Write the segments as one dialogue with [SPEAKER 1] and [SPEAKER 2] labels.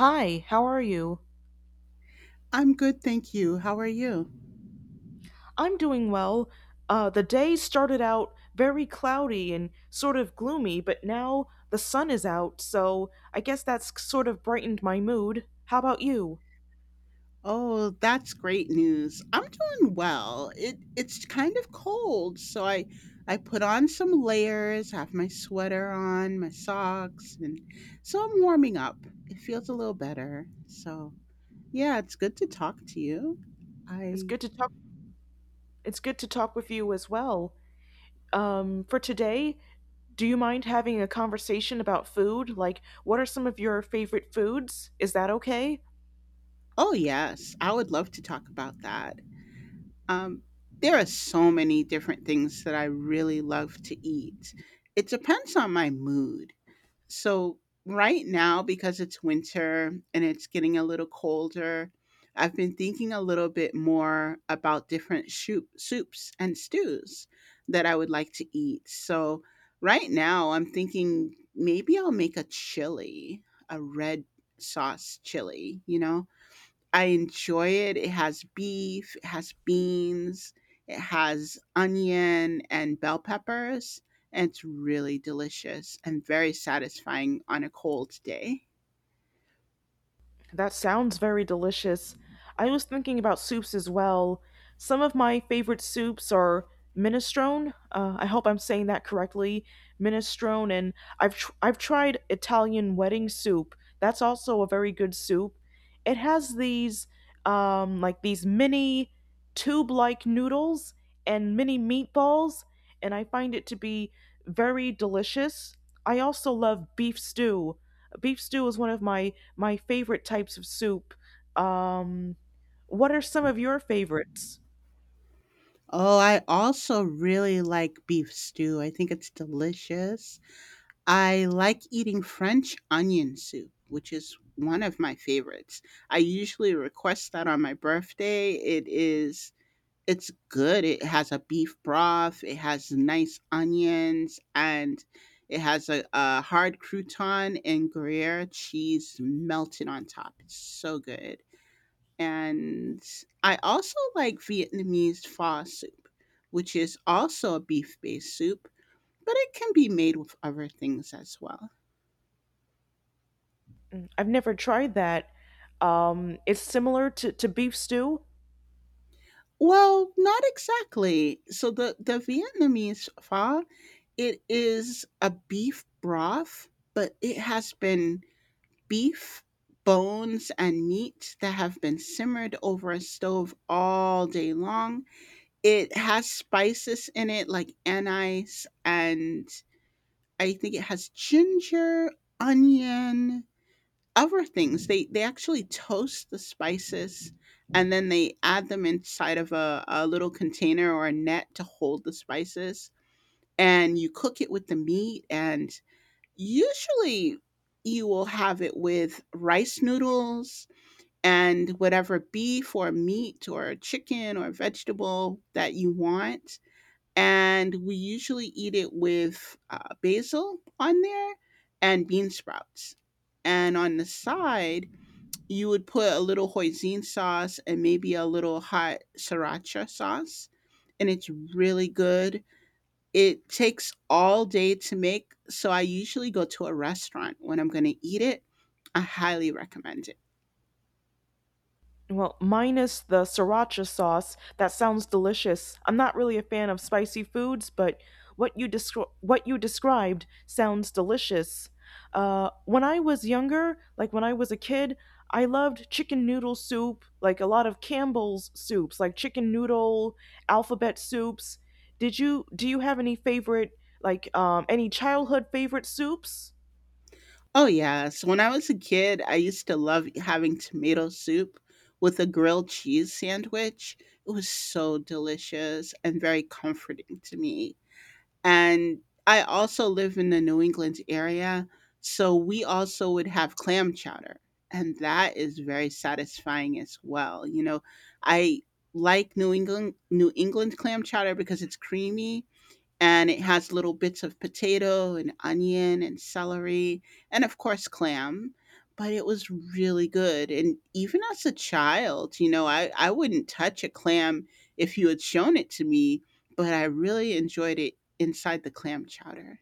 [SPEAKER 1] Hi, how are you?
[SPEAKER 2] I'm good, thank you. How are you?
[SPEAKER 1] I'm doing well. The day started out very cloudy and sort of gloomy, but now the sun is out, so I guess that's sort of brightened my mood. How about you?
[SPEAKER 2] Oh, that's great news. I'm doing well. It's kind of cold, so I put on some layers, have my sweater on, my socks, and so I'm warming up. It feels a little better. So, yeah, it's good to talk to you.
[SPEAKER 1] It's
[SPEAKER 2] I.
[SPEAKER 1] good to talk. It's good to talk with you as well. For today, do you mind having a conversation about food? Like, what are some of your favorite foods? Is that okay?
[SPEAKER 2] Oh, yes. I would love to talk about that. Um there are so many different things that I really love to eat. It depends on my mood. So right now, because it's winter and it's getting a little colder, I've been thinking a little bit more about different soups and stews that I would like to eat. So right now, I'm thinking maybe I'll make a chili, a red sauce chili, you know? I enjoy it. It has beef, it has beans, it has onion and bell peppers, and it's really delicious and very satisfying on a cold day.
[SPEAKER 1] That sounds very delicious. I was thinking about soups as well. Some of my favorite soups are minestrone. I hope I'm saying that correctly. Minestrone, and I've tried Italian wedding soup. That's also a very good soup. It has these like these mini tube-like noodles and mini meatballs, and I find it to be very delicious. I also love beef stew. Beef stew is one of my favorite types of soup. Um, what are some of your favorites?
[SPEAKER 2] Oh, I also really like beef stew. I think it's delicious. I like eating French onion soup, which is one of my favorites. I usually request that on my birthday. It's good. It has a beef broth. It has nice onions, and it has a hard crouton and Gruyere cheese melted on top. It's so good. And I also like Vietnamese pho soup, which is also a beef-based soup, but it can be made with other things as well.
[SPEAKER 1] I've never tried that. It's similar to beef stew.
[SPEAKER 2] Well, not exactly. So the Vietnamese pho, it is a beef broth, but it has been beef, bones, and meats that have been simmered over a stove all day long. It has spices in it like anise, and I think it has ginger, onion, other things. They actually toast the spices and then they add them inside of a little container or a net to hold the spices. And you cook it with the meat, and usually you will have it with rice noodles and whatever beef or meat or chicken or vegetable that you want. And we usually eat it with basil on there and bean sprouts. And on the side, you would put a little hoisin sauce and maybe a little hot sriracha sauce. And it's really good. It takes all day to make. So I usually go to a restaurant when I'm going to eat it. I highly recommend it.
[SPEAKER 1] Well, minus the sriracha sauce, that sounds delicious. I'm not really a fan of spicy foods, but what you described sounds delicious. When I was younger, like when I was a kid, I loved chicken noodle soup, like a lot of Campbell's soups, like chicken noodle, alphabet soups. Did you Do you have any favorite like any childhood favorite soups?
[SPEAKER 2] Oh, yes. When I was a kid, I used to love having tomato soup with a grilled cheese sandwich. It was so delicious and very comforting to me. And I also live in the New England area, so we also would have clam chowder, and that is very satisfying as well. You know, I like New England clam chowder because it's creamy and it has little bits of potato and onion and celery and of course clam, but it was really good. And even as a child, you know, I wouldn't touch a clam if you had shown it to me, but I really enjoyed it inside the clam chowder.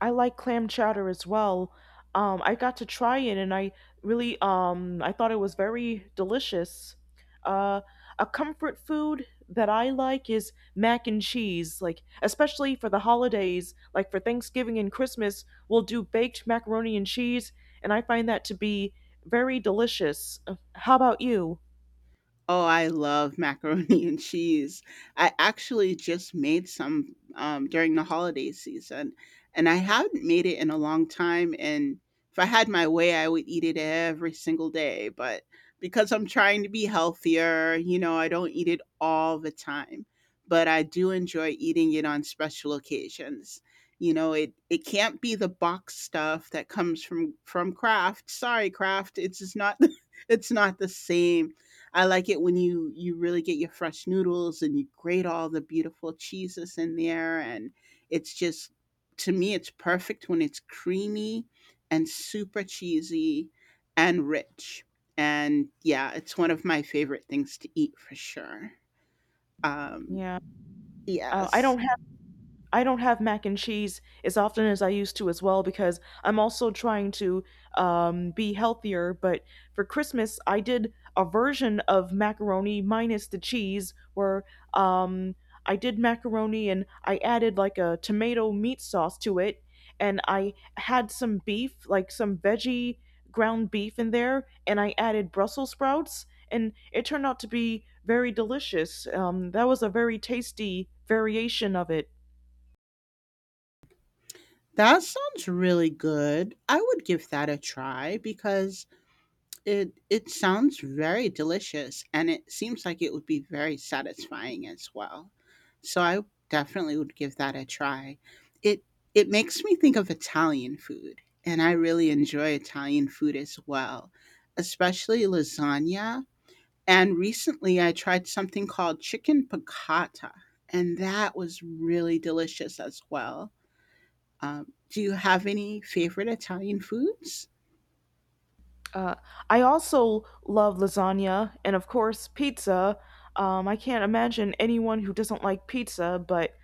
[SPEAKER 1] I like clam chowder as well. I got to try it and I really I thought it was very delicious. Uh, a comfort food that I like is mac and cheese, like especially for the holidays, like for Thanksgiving and Christmas, we'll do baked macaroni and cheese, and I find that to be very delicious. How about you?
[SPEAKER 2] Oh, I love macaroni and cheese. I actually just made some during the holiday season, and I haven't made it in a long time. And if I had my way, I would eat it every single day. But because I'm trying to be healthier, you know, I don't eat it all the time. But I do enjoy eating it on special occasions. You know, it can't be the box stuff that comes from Kraft. Sorry, Kraft, it's just not it's not the same. I like it when you really get your fresh noodles and you grate all the beautiful cheeses in there, and it's just, to me it's perfect when it's creamy and super cheesy and rich. And yeah, it's one of my favorite things to eat for sure. Um
[SPEAKER 1] Yeah, uh, I
[SPEAKER 2] yes.
[SPEAKER 1] don't have I don't have mac and cheese as often as I used to as well because I'm also trying to be healthier. But for Christmas, I did a version of macaroni minus the cheese where um, I did macaroni and I added like a tomato meat sauce to it. And I had some beef, like some veggie ground beef in there. And I added Brussels sprouts. And it turned out to be very delicious. That was a very tasty variation of it.
[SPEAKER 2] That sounds really good. I would give that a try because it sounds very delicious, and it seems like it would be very satisfying as well. So I definitely would give that a try. It it makes me think of Italian food, and I really enjoy Italian food as well, especially lasagna. And recently I tried something called chicken piccata, and that was really delicious as well. Do you have any favorite Italian foods?
[SPEAKER 1] Uh, I also love lasagna and, of course, pizza. I can't imagine anyone who doesn't like pizza, but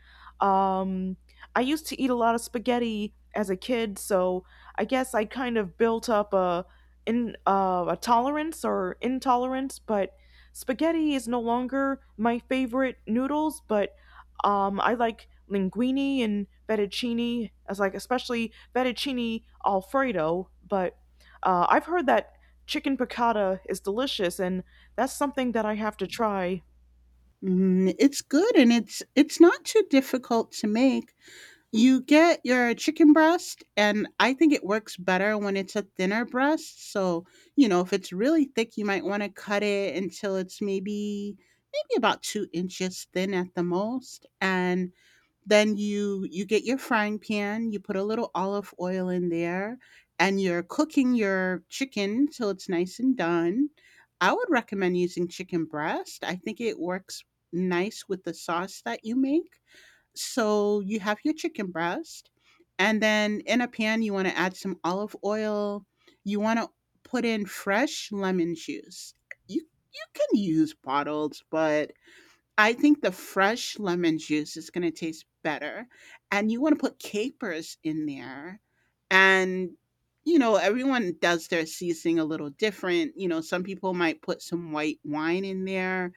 [SPEAKER 1] um, I used to eat a lot of spaghetti as a kid, so I guess I kind of built up a in a tolerance or intolerance. But spaghetti is no longer my favorite noodles, but I like linguine and fettuccine as like especially fettuccine alfredo, but I've heard that chicken piccata is delicious, and that's something that I have to try.
[SPEAKER 2] Mm, it's good, and it's not too difficult to make. You get your chicken breast, and I think it works better when it's a thinner breast. So, you know, if it's really thick, you might want to cut it until it's maybe about 2 inches thin at the most. And then you get your frying pan, you put a little olive oil in there, and you're cooking your chicken till it's nice and done. I would recommend using chicken breast. I think it works nice with the sauce that you make. So you have your chicken breast, and then in a pan, you want to add some olive oil. You want to put in fresh lemon juice. You can use bottled, but I think the fresh lemon juice is gonna taste better, and you wanna put capers in there. And, you know, everyone does their seasoning a little different. You know, some people might put some white wine in there,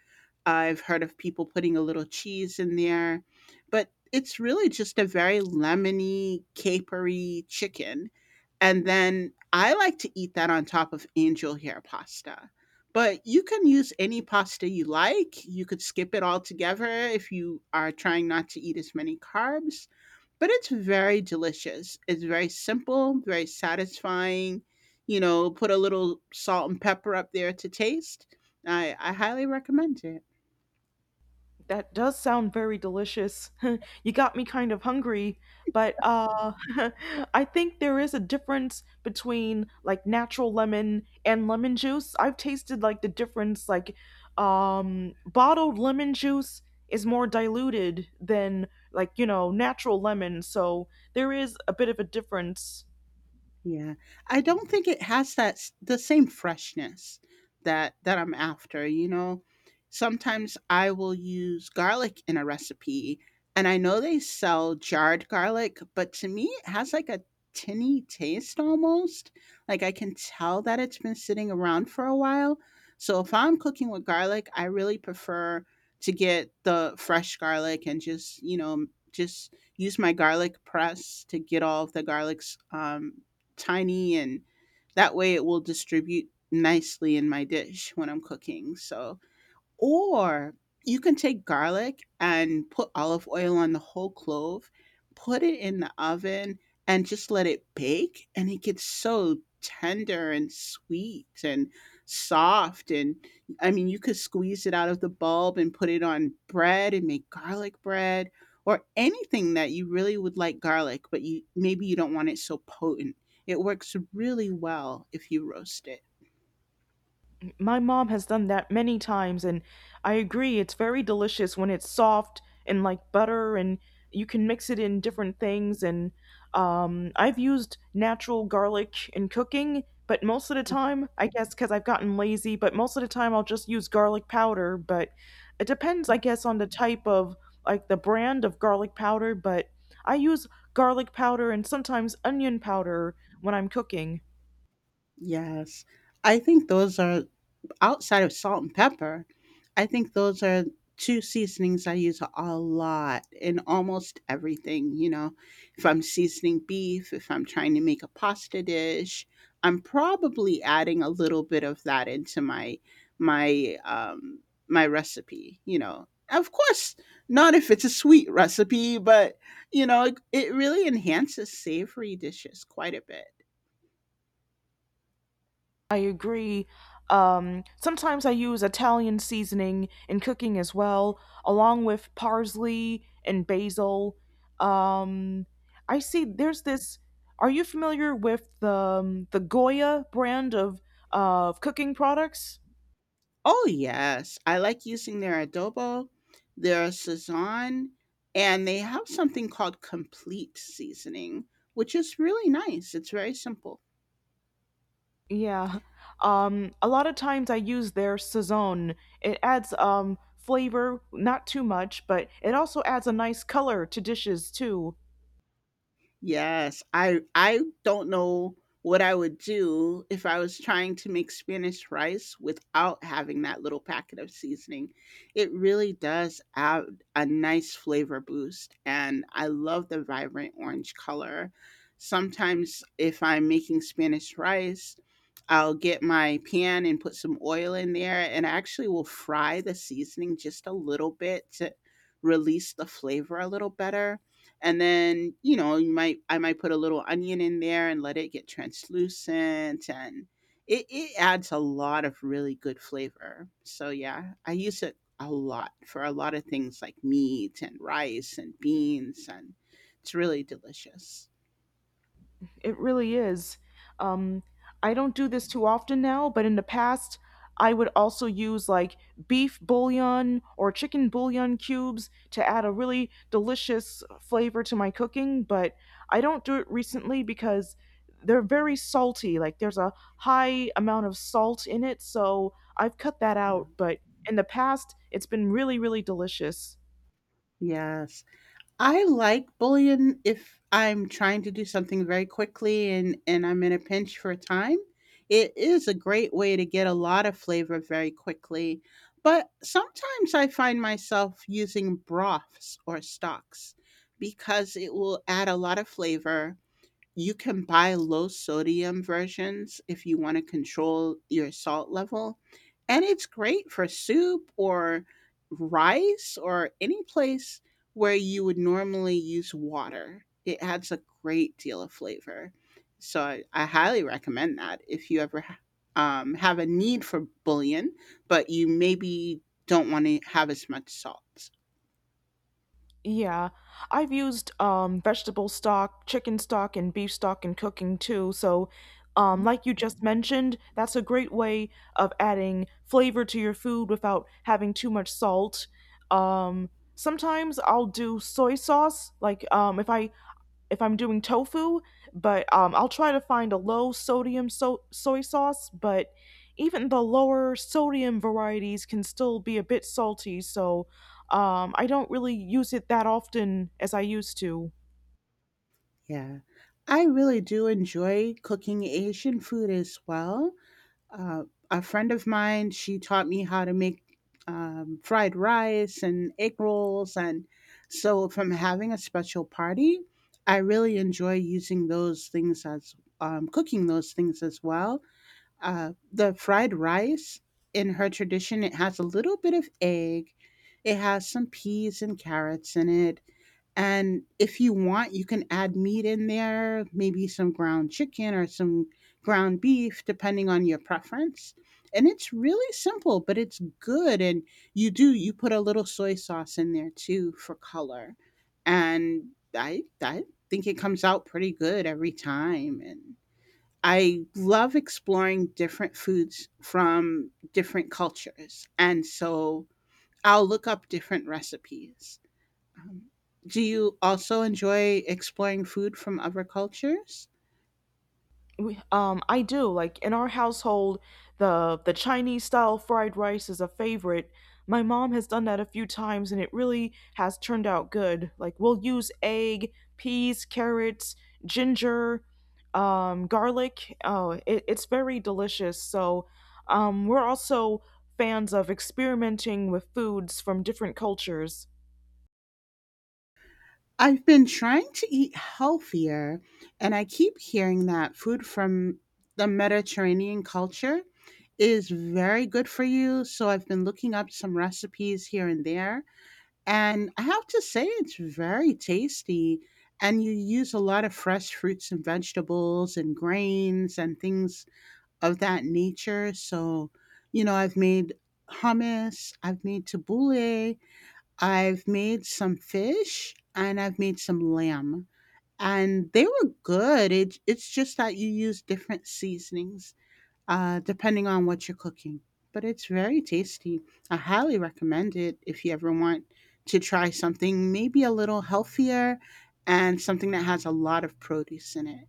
[SPEAKER 2] I've heard of people putting a little cheese in there, but it's really just a very lemony, capery chicken, and then I like to eat that on top of angel hair pasta. But you can use any pasta you like. You could skip it altogether if you are trying not to eat as many carbs. But it's very delicious. It's very simple, very satisfying. You know, put a little salt and pepper up there to taste. I highly recommend it.
[SPEAKER 1] That does sound very delicious. You got me kind of hungry, but I think there is a difference between like natural lemon and lemon juice. I've tasted like the difference, like bottled lemon juice is more diluted than like natural lemon, so there is a bit of a difference.
[SPEAKER 2] Yeah. I don't think it has that the same freshness that that I'm after, you know. Sometimes I will use garlic in a recipe, and I know they sell jarred garlic, but to me it has like a tinny taste almost. Like I can tell that it's been sitting around for a while. So if I'm cooking with garlic, I really prefer to get the fresh garlic and just, you know, just use my garlic press to get all of the garlics tiny, and that way it will distribute nicely in my dish when I'm cooking. So, or you can take garlic and put olive oil on the whole clove, put it in the oven, and just let it bake, and it gets so tender and sweet and soft. And I mean, you could squeeze it out of the bulb and put it on bread and make garlic bread or anything that you really would like garlic, but you maybe you don't want it so potent. It works really well if you roast it.
[SPEAKER 1] My mom has done that many times, and I agree, it's very delicious when it's soft and like butter, and you can mix it in different things. And I've used natural garlic in cooking, but most of the time, I guess because I've gotten lazy, but most of the time I'll just use garlic powder. But it depends,
[SPEAKER 2] Hmm.
[SPEAKER 1] I guess, on the type of like the brand of garlic powder, but I use garlic powder and sometimes onion powder when I'm cooking.
[SPEAKER 2] Yes. I think those are, outside of salt and pepper, I think those are 2 seasonings I use a lot in almost everything, you know. If I'm seasoning beef, if I'm trying to make a pasta dish, I'm probably adding a little bit of that into my um my recipe, you know. Of course, not if it's a sweet recipe, but you know, it really enhances savory dishes quite a bit.
[SPEAKER 1] I agree. Sometimes I use Italian seasoning in cooking as well, along with parsley and basil. Um, I see there's this. Are you familiar with the Goya brand of cooking products?
[SPEAKER 2] Oh, yes. I like using their adobo, their sazon, and they have something called complete seasoning, which is really nice. It's very simple.
[SPEAKER 1] Yeah. A lot of times I use their Saison. It adds flavor, not too much, but it also adds a nice color to dishes too.
[SPEAKER 2] Yes, I don't know what I would do if I was trying to make Spanish rice without having that little packet of seasoning. It really does add a nice flavor boost, and I love the vibrant orange color. Sometimes, if I'm making Spanish rice, I'll get my pan and put some oil in there, and I actually will fry the seasoning just a little bit to release the flavor a little better. And then, you know, you might I might put a little onion in there and let it get translucent, and it adds a lot of really good flavor. So yeah, I use it a lot for a lot of things like meat and rice and beans, and it's really delicious.
[SPEAKER 1] It really is. Um, I don't do this too often now, but in the past, I would also use like beef bouillon or chicken bouillon cubes to add a really delicious flavor to my cooking, but I don't do it recently because they're very salty. Like there's a high amount of salt in it, so I've cut that
[SPEAKER 2] Yeah.
[SPEAKER 1] out, but in the past, it's been really, really delicious.
[SPEAKER 2] Yes, I like bullion if I'm trying to do something very quickly, and I'm in a pinch for time. It is a great way to get a lot of flavor very quickly. But sometimes I find myself using broths or stocks because it will add a lot of flavor. You can buy low sodium versions if you want to control your salt level. And it's great for soup or rice or any place where you would normally use water. It adds a great deal of flavor. So I highly recommend that if you ever have a need for bullion, but you maybe don't want to have as much salt.
[SPEAKER 1] Yeah, I've used vegetable stock, chicken stock, and beef stock in cooking too. So,
[SPEAKER 2] Mhm.
[SPEAKER 1] like you just mentioned, that's a great way of adding flavor to your food without having too much salt. Um, sometimes I'll do soy sauce, like if I'm doing tofu, but I'll try to find a low sodium soy sauce. But even the lower sodium varieties can still be a bit salty, so I don't really use it that often as I used to.
[SPEAKER 2] Yeah. I really do enjoy cooking Asian food as well. uh, a friend of mine, she taught me how to make fried rice and egg rolls. And so if I'm having a special party, I really enjoy using those things as cooking those things as well. The fried rice, in her tradition, it has a little bit of egg. It has some peas and carrots in it. And if you want, you can add meat in there, maybe some ground chicken or some ground beef, depending on your preference. And it's really simple, but it's good. And you do, you put a little soy sauce in there too for color. And I think it comes out pretty good every time. And I love exploring different foods from different cultures. And so I'll look up different recipes. Do you also enjoy exploring food from other cultures?
[SPEAKER 1] I do. Like in our household, the Chinese style fried rice is a favorite. My mom has done that a few times and it really has turned out good. Like we'll use egg, peas, carrots, ginger, garlic. Oh, it's very delicious. So, we're also fans of experimenting with foods from different cultures.
[SPEAKER 2] I've been trying to eat healthier, and I keep hearing that food from the Mediterranean culture is very good for you. So I've been looking up some recipes here and there, and I have to say it's very tasty. And you use a lot of fresh fruits and vegetables and grains and things of that nature. So, you know, I've made hummus, I've made tabbouleh, I've made some fish, and I've made some lamb. And they were good. It's just that you use different seasonings depending on what you're cooking. But it's very tasty. I highly recommend it if you ever want to try something maybe a little healthier and something that has a lot of produce in it.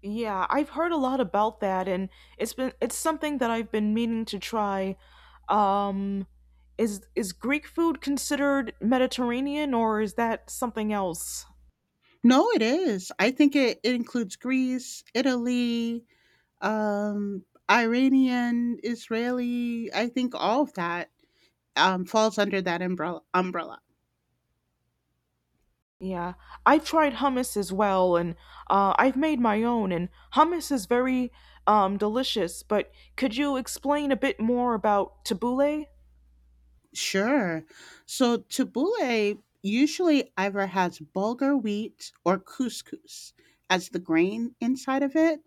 [SPEAKER 1] Yeah, I've heard a lot about that and it's something that I've been meaning to try. Um is Greek food considered Mediterranean or is that something else?
[SPEAKER 2] No, it is. I think it it includes Greece, Italy, um, Iranian, Israeli. I think all of that falls under that umbrella. Umbrella,
[SPEAKER 1] Yeah. I've tried hummus as well and I've made my own and hummus is very delicious, but could you explain a bit more about tabbouleh?
[SPEAKER 2] sure. So tabbouleh usually either has bulgur wheat or couscous as the grain inside of it,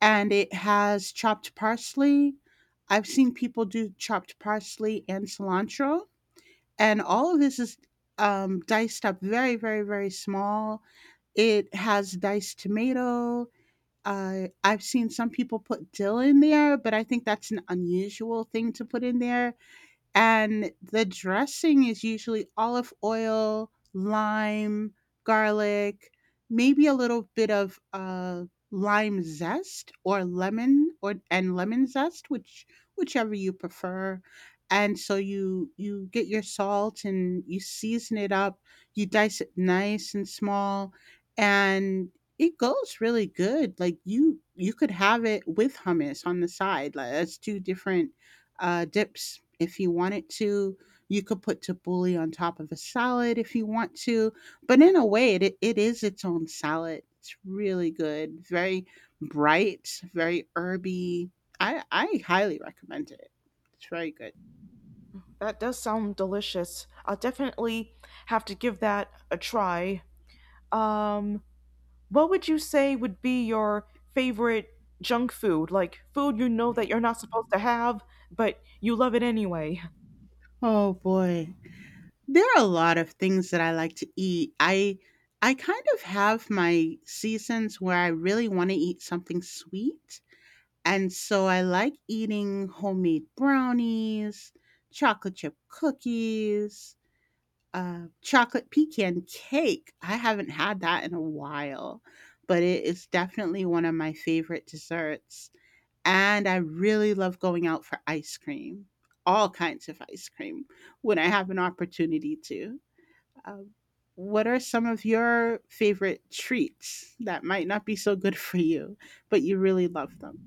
[SPEAKER 2] and it has chopped parsley. I've seen people do chopped parsley and cilantro, and all of this is diced up very, very, very small. It has diced tomato. I've seen some people put dill in there, but I think that's an unusual thing to put in there. And the dressing is usually olive oil, lime, garlic, maybe a little bit of lime zest or lemon, or and lemon zest, which whichever you prefer. And so you get your salt and you season it up. You dice it nice and small, and it goes really good. Like you could have it with hummus on the side. Like that's two different dips if you wanted to. You could put tabbouleh on top of a salad if you want to. But in a way, it is its own salad. It's really good, very bright, very herby. I highly recommend it. It's very good.
[SPEAKER 1] That does sound delicious. I'll definitely have to give that a try. Um What would you say would be your favorite junk food? Like food you know that you're not supposed to have, but you love it anyway.
[SPEAKER 2] Oh boy. There are a lot of things that I like to eat. I kind of have my seasons where I really want to eat something sweet. And so I like eating homemade brownies, chocolate chip cookies, chocolate pecan cake. I haven't had that in a while, but it is definitely one of my favorite desserts. And I really love going out for ice cream, all kinds of ice cream, when I have an opportunity to. Um, what are some of your favorite treats that might not be so good for you, but you really love them?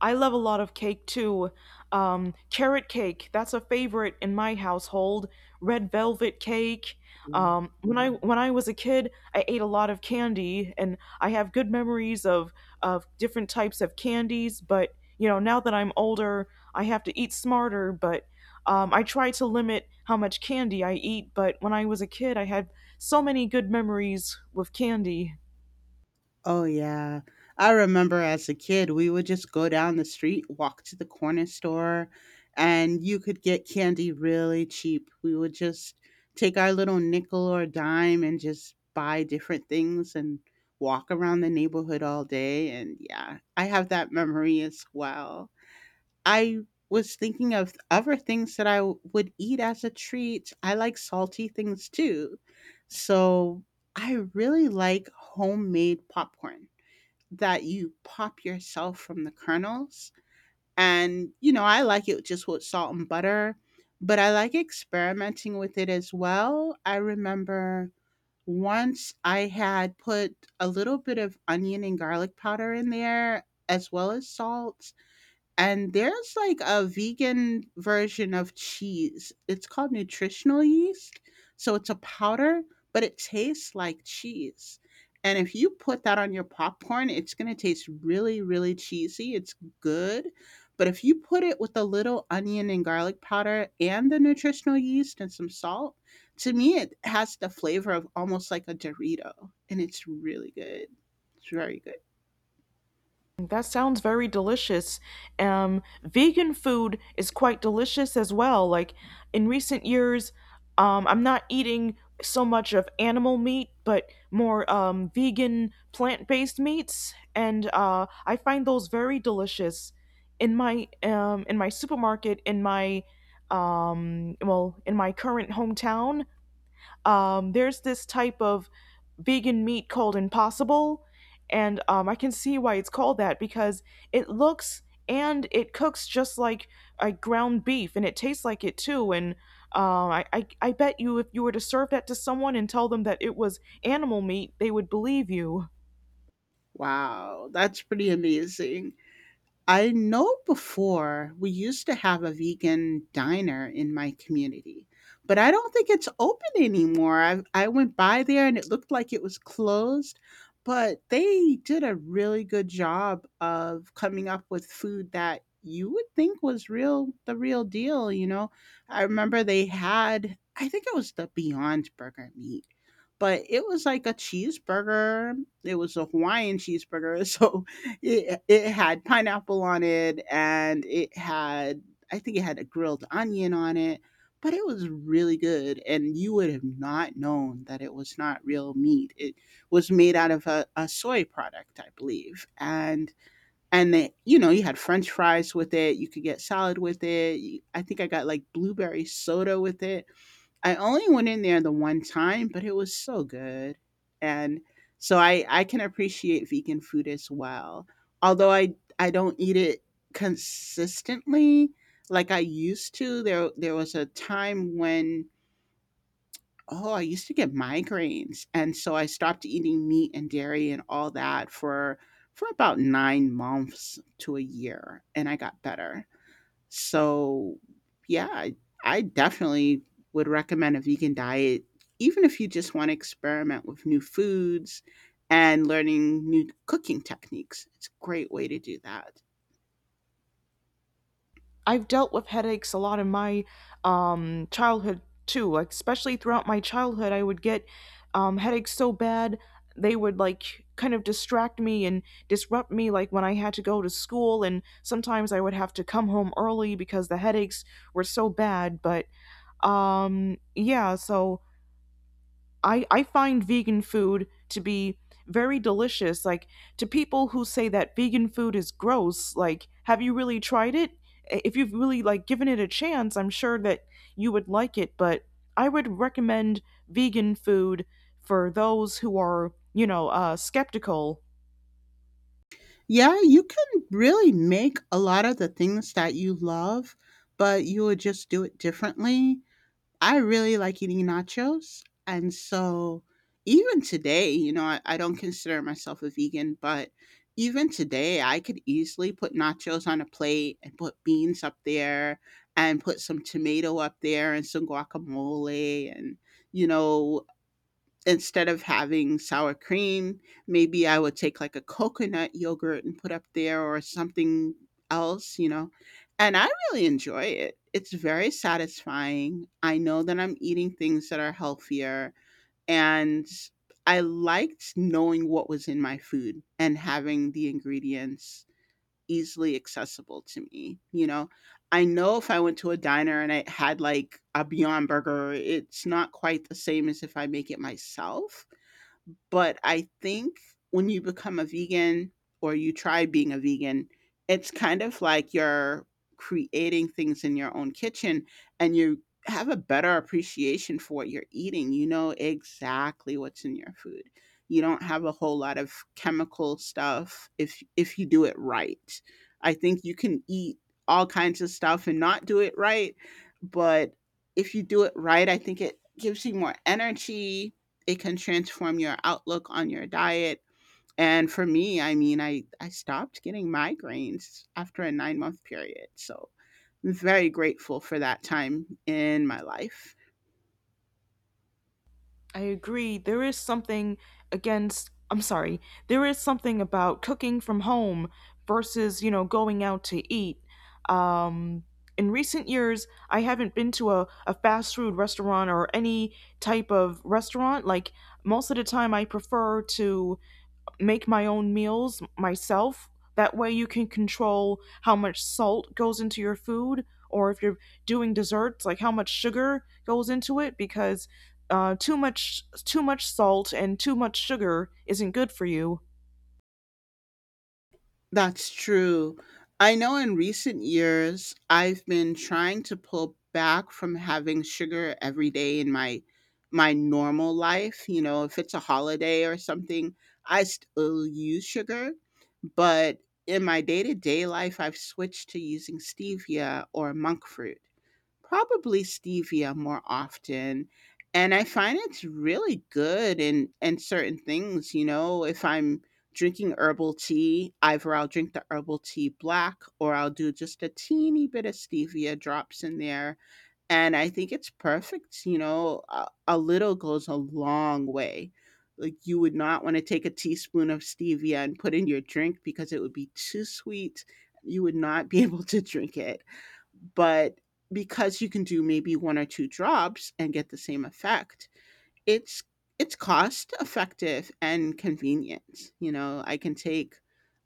[SPEAKER 1] I love a lot of cake too. Carrot cake, that's a favorite in my household. Red velvet cake. When I was a kid, I ate a lot of candy, and I have good memories of different types of candies. But you know, now that I'm older, I have to eat smarter. But I try to limit how much candy I eat. But when I was a kid, I had so many good memories with candy.
[SPEAKER 2] Oh, yeah. I remember as a kid, we would just go down the street, walk to the corner store, and you could get candy really cheap. We would just take our little nickel or dime and just buy different things and walk around the neighborhood all day. And yeah, I have that memory as well. I was thinking of other things that would eat as a treat. I like salty things too. So I really like homemade popcorn that you pop yourself from the kernels. And, you know, I like it just with salt and butter, but I like experimenting with it as well. I remember once I had put a little bit of onion and garlic powder in there as well as salt, and there's like a vegan version of cheese. It's called nutritional yeast. So it's a powder, but it tastes like cheese. And if you put that on your popcorn, it's going to taste really, really cheesy. It's good. But if you put it with a little onion and garlic powder and the nutritional yeast and some salt, to me, it has the flavor of almost like a Dorito. And it's really good. It's very good.
[SPEAKER 1] That sounds very delicious. Vegan food is quite delicious as well. Like in recent years, I'm not eating so much of animal meat, but more vegan plant based meats, and I find those very delicious. In my supermarket, in my in my current hometown, there's this type of vegan meat called Impossible, and I can see why it's called that because it looks and it cooks just like a ground beef, and it tastes like it too. And I bet you if you were to serve that to someone and tell them that it was animal meat, they would believe you.
[SPEAKER 2] Wow. That's pretty amazing. I know before we used to have a vegan diner in my community, but I don't think it's open anymore. I went by there and it looked like it was closed, but they did a really good job of coming up with food that you would think was real, the real deal. You know, I remember they had, I think it was the Beyond Burger meat, but it was like a cheeseburger. It was a Hawaiian cheeseburger, so it had pineapple on it, and it had, I think it had a grilled onion on it, but it was really good, and you would have not known that it was not real meat. It was made out of a soy product, I believe, and they, you know, you had French fries with it. You could get salad with it. I think I got like blueberry soda with it. I only went in there the one time, but it was so good. And so I can appreciate vegan food as well. Although I don't eat it consistently like I used to. There was a time when, oh, I used to get migraines. And so I stopped eating meat and dairy and all that for about 9 months to a year, and I got better. So, yeah, I definitely would recommend a vegan diet, even if you just want to experiment with new foods and learning new cooking techniques. It's a great way to do that.
[SPEAKER 1] I've dealt with headaches a lot in my childhood too. Like especially throughout my childhood, I would get headaches so bad they would like kind of distract me and disrupt me. Like when I had to go to school, and sometimes I would have to come home early because the headaches were so bad. But yeah, so I find vegan food to be very delicious. Like, to people who say that vegan food is gross, like, have you really tried it? If you've really, like, given it a chance, I'm sure that you would like it, but I would recommend vegan food for those who are, you know, skeptical.
[SPEAKER 2] Yeah, you can really make a lot of the things that you love, but you would just do it differently. I really like eating nachos. And so even today, you know, I don't consider myself a vegan, but even today, I could easily put nachos on a plate and put beans up there and put some tomato up there and some guacamole and, you know, instead of having sour cream, maybe I would take like a coconut yogurt and put up there or something else, you know. And I really enjoy it. It's very satisfying. I know that I'm eating things that are healthier, and I liked knowing what was in my food and having the ingredients easily accessible to me, you know. I know if I went to a diner and I had like a Beyond Burger, it's not quite the same as if I make it myself. But I think when you become a vegan or you try being a vegan, it's kind of like you're creating things in your own kitchen and you have a better appreciation for what you're eating. You know exactly what's in your food. You don't have a whole lot of chemical stuff if you do it right. I think you can eat all kinds of stuff and not do it right, but if you do it right, I think it gives you more energy. It can transform your outlook on your diet. And for me, I mean, I stopped getting migraines after a 9 month period. So I'm very grateful for that time in my life.
[SPEAKER 1] I agree. Against, I'm sorry, there is something about cooking from home versus, you know, going out to eat. Um, in recent years, I haven't been to a fast food restaurant or any type of restaurant. Like, most of the time, I prefer to make my own meals myself. That way you can control how much salt goes into your food or if you're doing desserts like how much sugar goes into it because too much salt and too much sugar isn't good for you.
[SPEAKER 2] That's true. I know in recent years, I've been trying to pull back from having sugar every day in my my normal life. You know, if it's a holiday or something, I still use sugar, but in my day-to-day life, I've switched to using stevia or monk fruit. Probably stevia more often, and I find it's really good in certain things. You know, if I'm drinking herbal tea, either I'll drink the herbal tea black or I'll do just a teeny bit of stevia drops in there, and I think it's perfect. You know, a little goes a long way. Like you would not want to take a teaspoon of stevia and put in your drink because it would be too sweet. You would not be able to drink it. But because you can do maybe one or two drops and get the same effect, it's it's cost effective and convenient. You know, I can take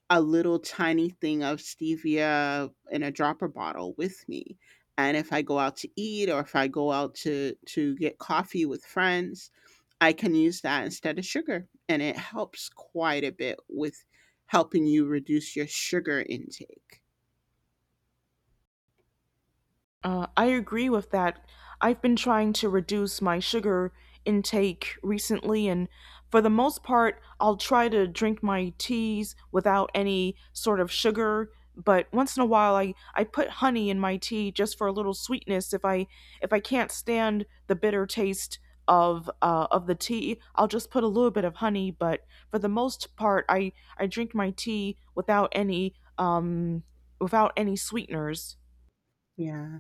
[SPEAKER 2] a little tiny thing of stevia in a dropper bottle with me, and if I go out to eat or if I go out to get coffee with friends, I can use that instead of sugar, and it helps quite a bit with helping you reduce your sugar intake.
[SPEAKER 1] I agree with that. I've been trying to reduce my sugar intake recently, and for the most part, I'll try to drink my teas without any sort of sugar. But once in a while, I put honey in my tea just for a little sweetness. If I can't stand the bitter taste of the tea, I'll just put a little bit of honey. But for the most part, I drink my tea without any without any sweeteners.
[SPEAKER 2] Yeah,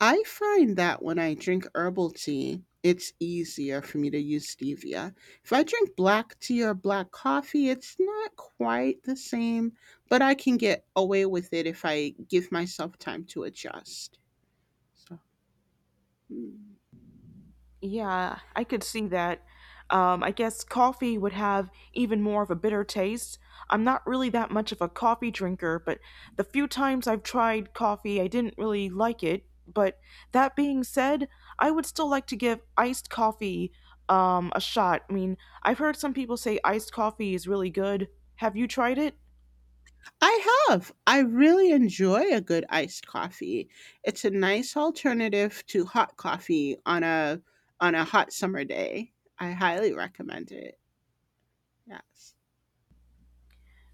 [SPEAKER 2] I find that when I drink herbal tea, it's easier for me to use stevia. If I drink black tea or black coffee, it's not quite the same, but I can get away with it if I give myself time to adjust. So, mm.
[SPEAKER 1] Yeah, I could see that. I guess coffee would have even more of a bitter taste. I'm not really that much of a coffee drinker, but the few times I've tried coffee, I didn't really like it. But that being said, I would still like to give iced coffee a shot. I mean, I've heard some people say iced coffee is really good. Have you tried it?
[SPEAKER 2] I have. I really enjoy a good iced coffee. It's a nice alternative to hot coffee on a hot summer day. I highly recommend it. Yes.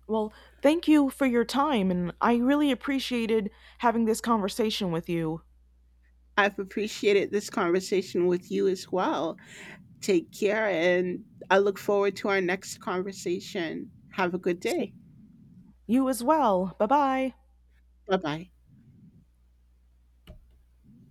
[SPEAKER 1] Well, thank you for your time, and I really appreciated having this conversation with you.
[SPEAKER 2] I've appreciated this conversation with you as well. Take care, and I look forward to our next conversation. Have a good
[SPEAKER 1] So,
[SPEAKER 2] day.
[SPEAKER 1] you as well. Bye bye.
[SPEAKER 2] Bye bye.